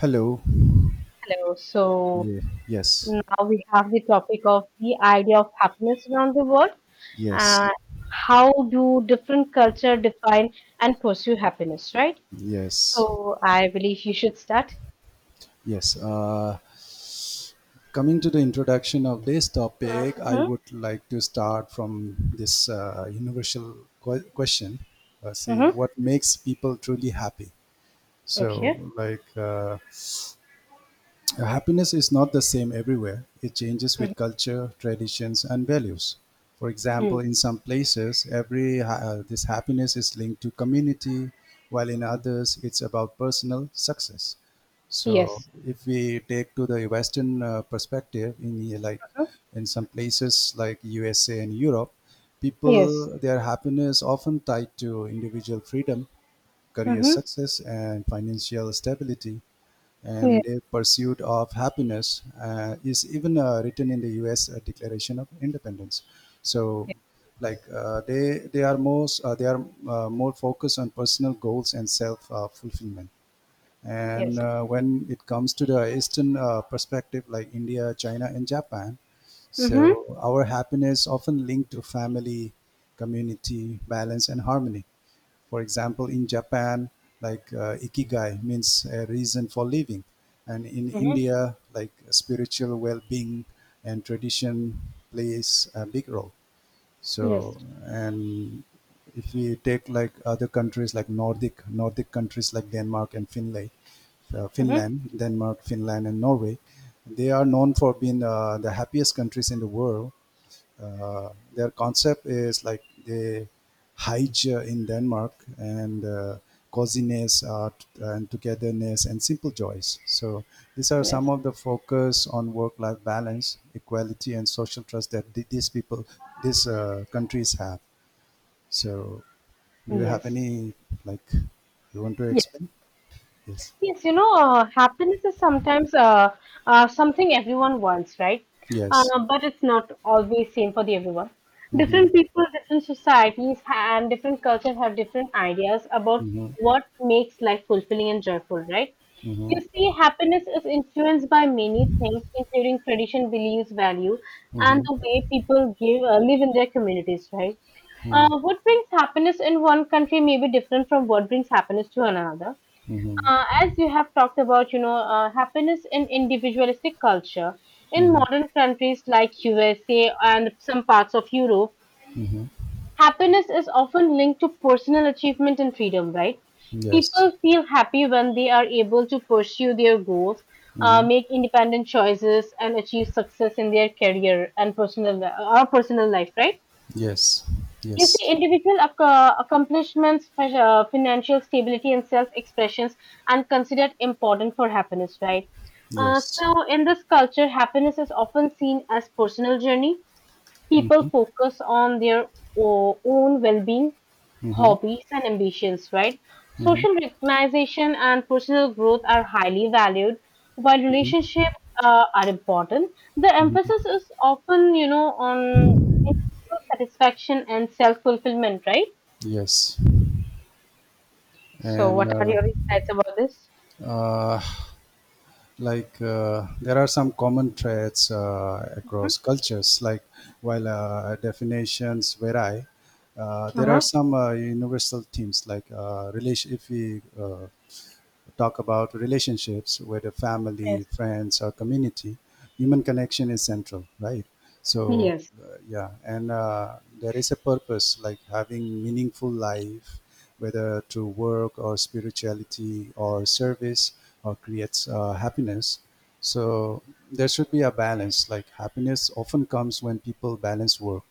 Hello. Hello. So Yeah. Yes. now we have the topic of the idea of happiness around the world. Uh, Yes. how do different culture define and pursue happiness, right? Yes. So I believe you should start. Yes. Coming to the introduction of this topic, I hmm would like to start from this universal question. See, hmm what makes people truly happy? So, Okay. like, Happiness is not the same everywhere. It changes Mm-hmm. with culture, traditions, and values. For Hmm. example, in some places, this happiness is linked to community, while in others, it's about personal success. So, Yes. if we take to the Western perspective, Mhm. in some places like USA and Europe, Yes. people their happiness often tied to individual freedom, career Hmm. success, and financial stability, Yes. and a pursuit of happiness is even written in the U.S. Declaration of Independence. So, like they are more focused on personal goals and self fulfillment. And Yes. When it comes to the Eastern perspective, like India, China, and Japan, Hmm. so our happiness often linked to family, community, balance, and harmony. For example, in Japan, ikigai means a reason for living, and in Hmm. India, like spiritual well-being and tradition plays a big role. So, Yes. and if we take like other countries like Nordic countries like Hmm. Finland, Denmark, Finland, and Norway, they are known for being the happiest countries in the world. Their concept is like they hide in Denmark and coziness art and togetherness and simple joys. So these are some Yes. of the focus on work-life balance, equality, and social trust that these people, these countries have. So do you have Yes. any like you want to explain? Yes. Yes, happiness is sometimes something everyone wants, right? Yes. But it's not always same for the everyone. Mm-hmm. Different people, different societies, and different cultures have different ideas about what makes life fulfilling and joyful, right? You see, happiness is influenced by many things, including tradition, beliefs, value, and the Mm-hmm. way people live in their communities, right? What brings happiness in one country may be different from what brings happiness to another Mm-hmm. As you have talked about, happiness in individualistic culture. In Mm-hmm. modern countries like USA and some parts of Europe, happiness is often linked to personal achievement and freedom, right? Yes. People feel happy when they are able to pursue their goals, Mm-hmm. make independent choices, and achieve success in their career and personal li- or personal life, right? Yes. You see, Yes. Accomplishments, financial stability, and self expressions are considered important for happiness, right? Uh, Yes. so, in this culture, happiness is often seen as personal journey people focus on their own well-being, Mm-hmm. hobbies, and ambitions, right? Mhm, Social recognition and personal growth are highly valued, while relationships are important. The mhm. emphasis is often, you know, on individual satisfaction and self-fulfillment, right? Yes, So, and what are your insights about this? uh, like there are some common traits Mhm. across cultures. Like, while definitions vary, there are Uh-huh. some universal themes like relation. If we talk about relationships, whether family, Yes. friends, or community, human connection is central, right? So, Yes. Yeah, and there is a purpose, like having meaningful life, whether through work or spirituality or service, or creates happiness. So there should be a balance. Like happiness often comes when people balance work,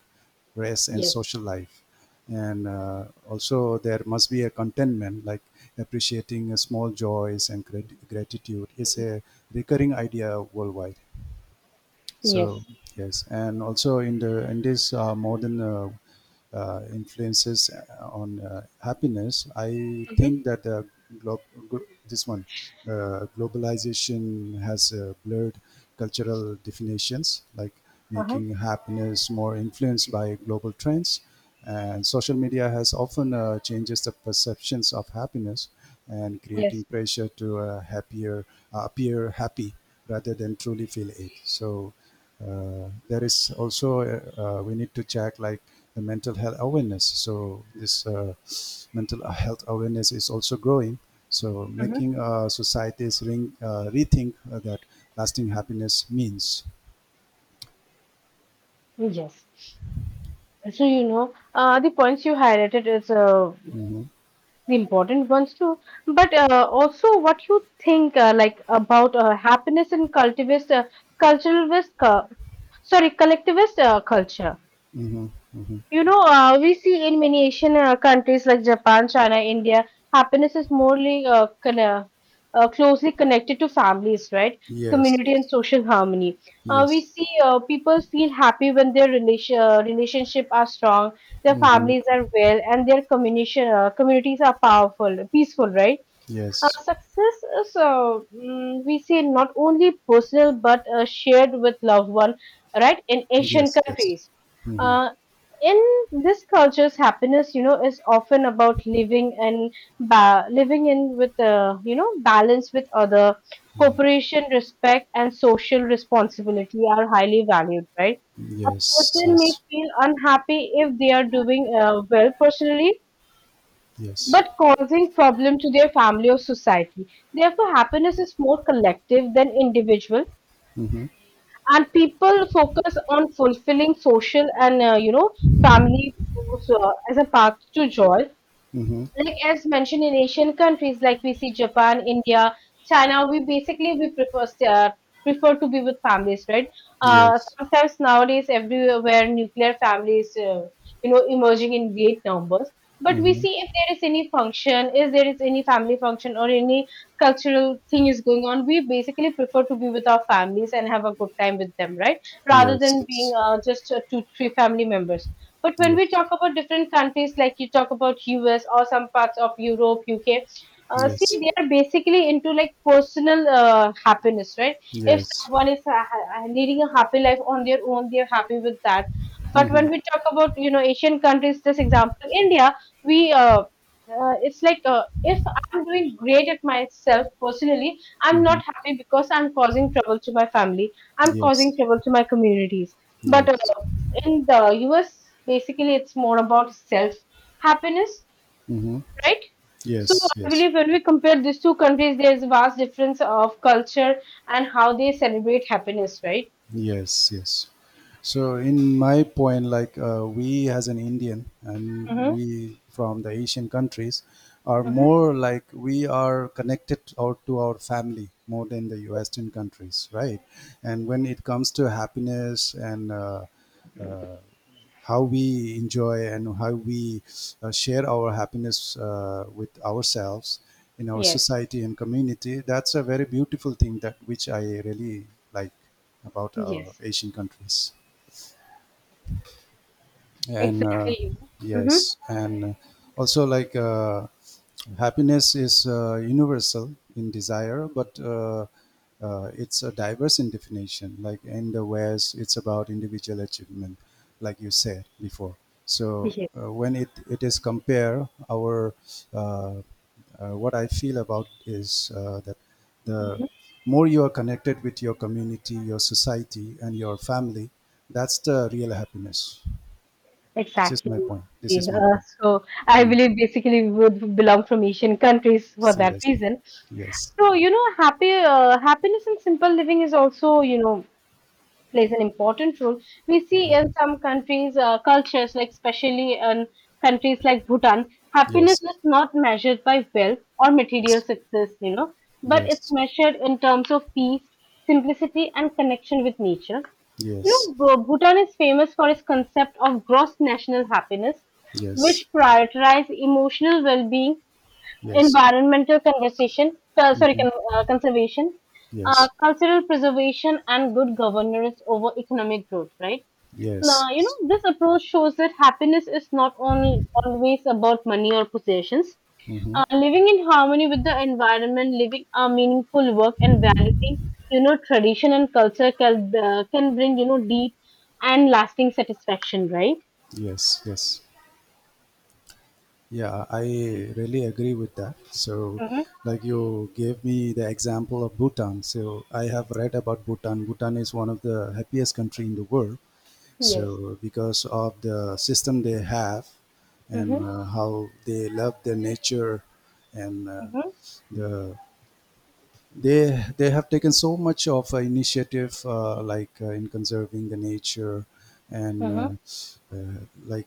rest, and Yes. social life, and also there must be a contentment, like appreciating small joys, and gratitude is a recurring idea worldwide. So Yes. yes, and also in this modern influences on happiness, I Mm-hmm. think that glo- glo- this one, globalization has blurred cultural definitions, like Uh-huh. making happiness more influenced by global trends. And social media has often changes the perceptions of happiness and creating Yes. pressure to happier appear happy rather than truly feel it. So there is also we need to check, like, the mental health awareness. So this mental health awareness is also growing, so Mm-hmm. making societies rethink that lasting happiness means. Yes. So, the points you highlighted is Hmm. the important ones too. But Also, what you think like about happiness in culturalist, uh, sorry, collectivist culture. Hmm. Hmm. You know, we see in many Asian countries like Japan, China, India, happiness is morely closely connected to families, right? Yes, Community and yes, social harmony. We yes. see people feel happy when their relationship are strong, their Hmm. families are well, and their communication communities are powerful, peaceful, right? Yes, Success is, we say, not only personal but shared with loved one, right? In Asian yes, yes. countries, Hmm. uh, in this cultures, happiness, you know, is often about living and living in with, you know, balance with other, cooperation, respect, and social responsibility are highly valued, right? A Yes, person may yes, feel unhappy if they are doing well personally yes. but causing problem to their family or society. Therefore, happiness is more collective than individual, Hmm. and people focus on fulfilling social and you know family goals, as a path to joy Hmm. like as mentioned in Asian countries, like we see Japan, India, China, we basically we prefer prefer to be with families, right? Yes. Sometimes nowadays everywhere nuclear families, you know, emerging in great numbers. But we Hmm. see if there is any function, if there is any family function or any cultural thing is going on, we basically prefer to be with our families and have a good time with them, right? Rather Yes, than being yes, uh, just uh, two, three family members. But when we yes, talk about different countries, like you talk about US or some parts of Europe, UK, see, yes. they are basically into like personal happiness, right? If Yes. someone is leading a happy life on their own, they're happy with that. But Mm-hmm. when we talk about, you know, Asian countries, this example, India, we, it's like if I'm doing great at myself personally, I'm Mm-hmm. not happy because I'm causing trouble to my family. I'm causing Yes. trouble to my communities. But Yes. In the US, basically it's more about self happiness, Mm-hmm. right? So Yes. I Yes. believe when we compare these two countries, there is a vast difference of culture and how they celebrate happiness, right? Yes. Yes. So in my point, like we as an Indian and Mm-hmm. we from the Asian countries are Mm-hmm. more like we are connected out to our family more than the Western countries, right? And when it comes to happiness, and uh, how we enjoy and how we share our happiness with ourselves in our Yes. society and community, that's a very beautiful thing that which I really like about our Yes. Asian countries. And Exactly. Mm-hmm. yes, and also like Happiness is universal in desire, but it's a diverse in definition. Like in the West, it's about individual achievement, like you said before. So Yes. When it is compare our uh, what I feel about is that the Mhm. more you are connected with your community, your society, and your family, that's the real happiness. This is Exactly. my point. This is Yeah, my Uh, point. so I Mm. believe basically we would belong from Asian countries for that Yes, reason. yes, So you know, happy happiness and simple living is also you know plays an important role. We see in some countries, cultures, like especially in countries like Bhutan, yes. happiness is not measured by wealth or material Yes. success, you know, but it's Yes. measured in terms of peace, simplicity, and connection with nature. You Yes. know, Bhutan is famous for its concept of gross national happiness, which Yes. prioritizes emotional well being Yes. environmental Mhm. Conservation, Yes. cultural preservation, and good governance over economic growth, right? Now, you know, Yes. this approach shows that happiness is not only always about money or possessions. Mm-hmm. Living in harmony with the environment, living a meaningful work, and valuing, you know, tradition and culture can bring, you know, deep and lasting satisfaction, right? Yes, yes. Yeah, I really agree with that. So, Mm-hmm. like you gave me the example of Bhutan. So, I have read about Bhutan. Bhutan is one of the happiest country in the world. Yes. So, because of the system they have, Mm-hmm. and how they love their nature, and Mm-hmm. the they have taken so much of initiative, like in conserving the nature, and Mm-hmm. Like,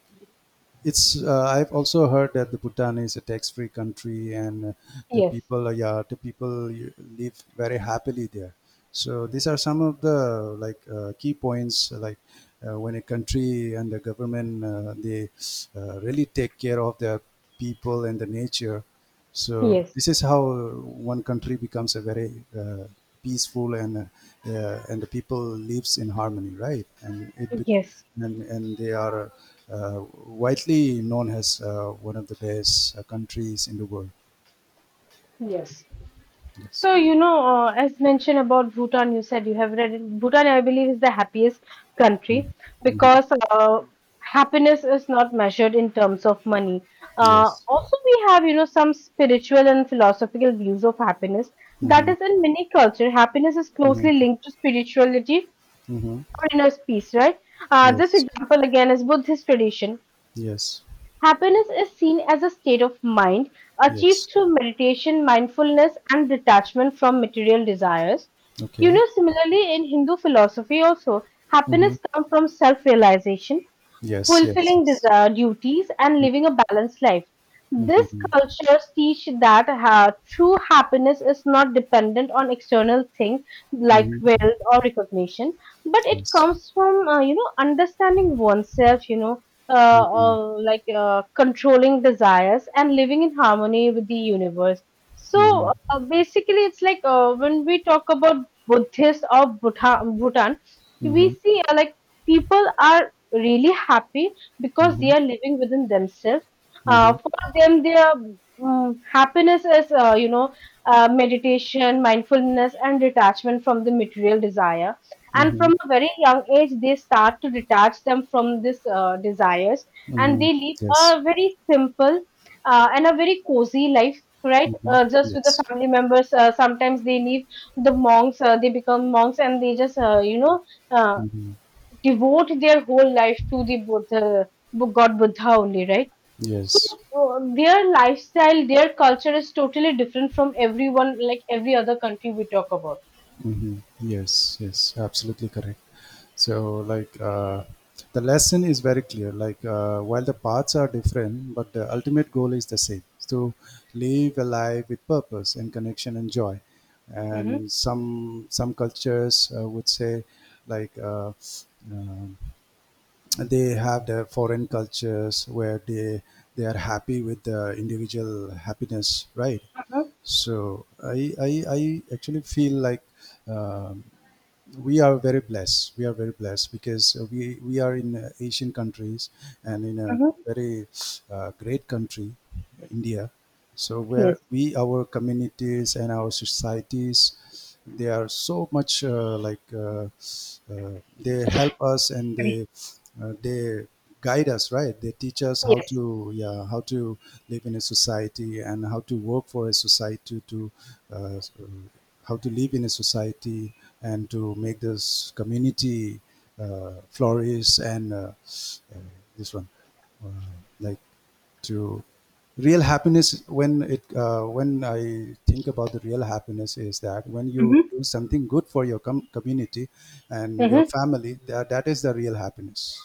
it's I've also heard that the Bhutan is a tax free country, and the Yes. people live very happily there. So these are some of the, like, key points, like, when a country and the government, they really take care of their people and the nature. So Yes. this is how one country becomes a very peaceful, and and the people lives in harmony, right? And it bec- Yes. And they are widely known as one of the best countries in the world. Yes. So, you know, as mentioned about Bhutan, you said you have read it. Bhutan, I believe, is the happiest Mm-hmm. country Mm-hmm. because happiness is not measured in terms of money. Yes. Also, we have, you know, some spiritual and philosophical views of happiness. That Mm-hmm. is, in many cultures, happiness is closely Mm-hmm. linked to spirituality Mm-hmm. or inner peace, right? This Yes. example again is Buddhist tradition. Yes. Happiness is seen as a state of mind Yes. achieved through meditation, mindfulness, and detachment from material desires. You Okay. know, similarly, in Hindu philosophy, also, Mm-hmm. happiness comes from self realization, Yes. Yes. fulfilling Yes. desire duties, and living a balanced life. Mm-hmm. This Mm-hmm. culture teach that true happiness is not dependent on external things like Mm-hmm. wealth or recognition, but it Yes. comes from you know understanding oneself, you know, uh, Mm-hmm. uh, like uh, controlling desires and living in harmony with the universe. So Mm-hmm. Basically, it's like when we talk about Buddhists of Bhutan, we Mm-hmm. see like people are really happy because Mm-hmm. they are living within themselves. Mhm. For them, their happiness is you know meditation, mindfulness, and detachment from the material desire and Mhm. from a very young age they start to detach them from this desires and Mhm. they live Yes. a very simple and a very cozy life right Mhm. Just with the Yes. family members sometimes they leave the monks they become monks and they just you know uh, Mhm. devote their whole life to the buddha god buddha only right so Yes. Their lifestyle their culture is totally different from everyone like every other country we talk about. Mhm. Yes. Yes. Absolutely correct. So, like, the lesson is very clear. Like, while the paths are different, but the ultimate goal is the same: is to live a life with purpose and connection and joy. Hmm. And some cultures would say, like, uh, they have their foreign cultures where they are happy with the individual happiness, right? Mm-hmm. So I actually feel like um, we are very blessed. We are very blessed because we are in Asian countries and in a Mm-hmm. very great country, India. So where Yes. we our communities and our societies, they are so much, they help us, and they guide us, right? They teach us how to Yes. yeah how to live in a society, and how to work for a society to uh, how to live in a society, and to make this community flourish, and uh, this one uh, like to real happiness, when I think about the real happiness is that when you Hmm. do something good for your community and your Hmm. family, that is the real happiness.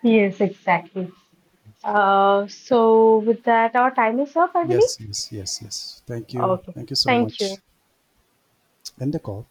Yes, exactly. So with that, our time is up, I Yes, believe. yes, yes, yes, thank you, Okay, thank you so thank much. you. End the call.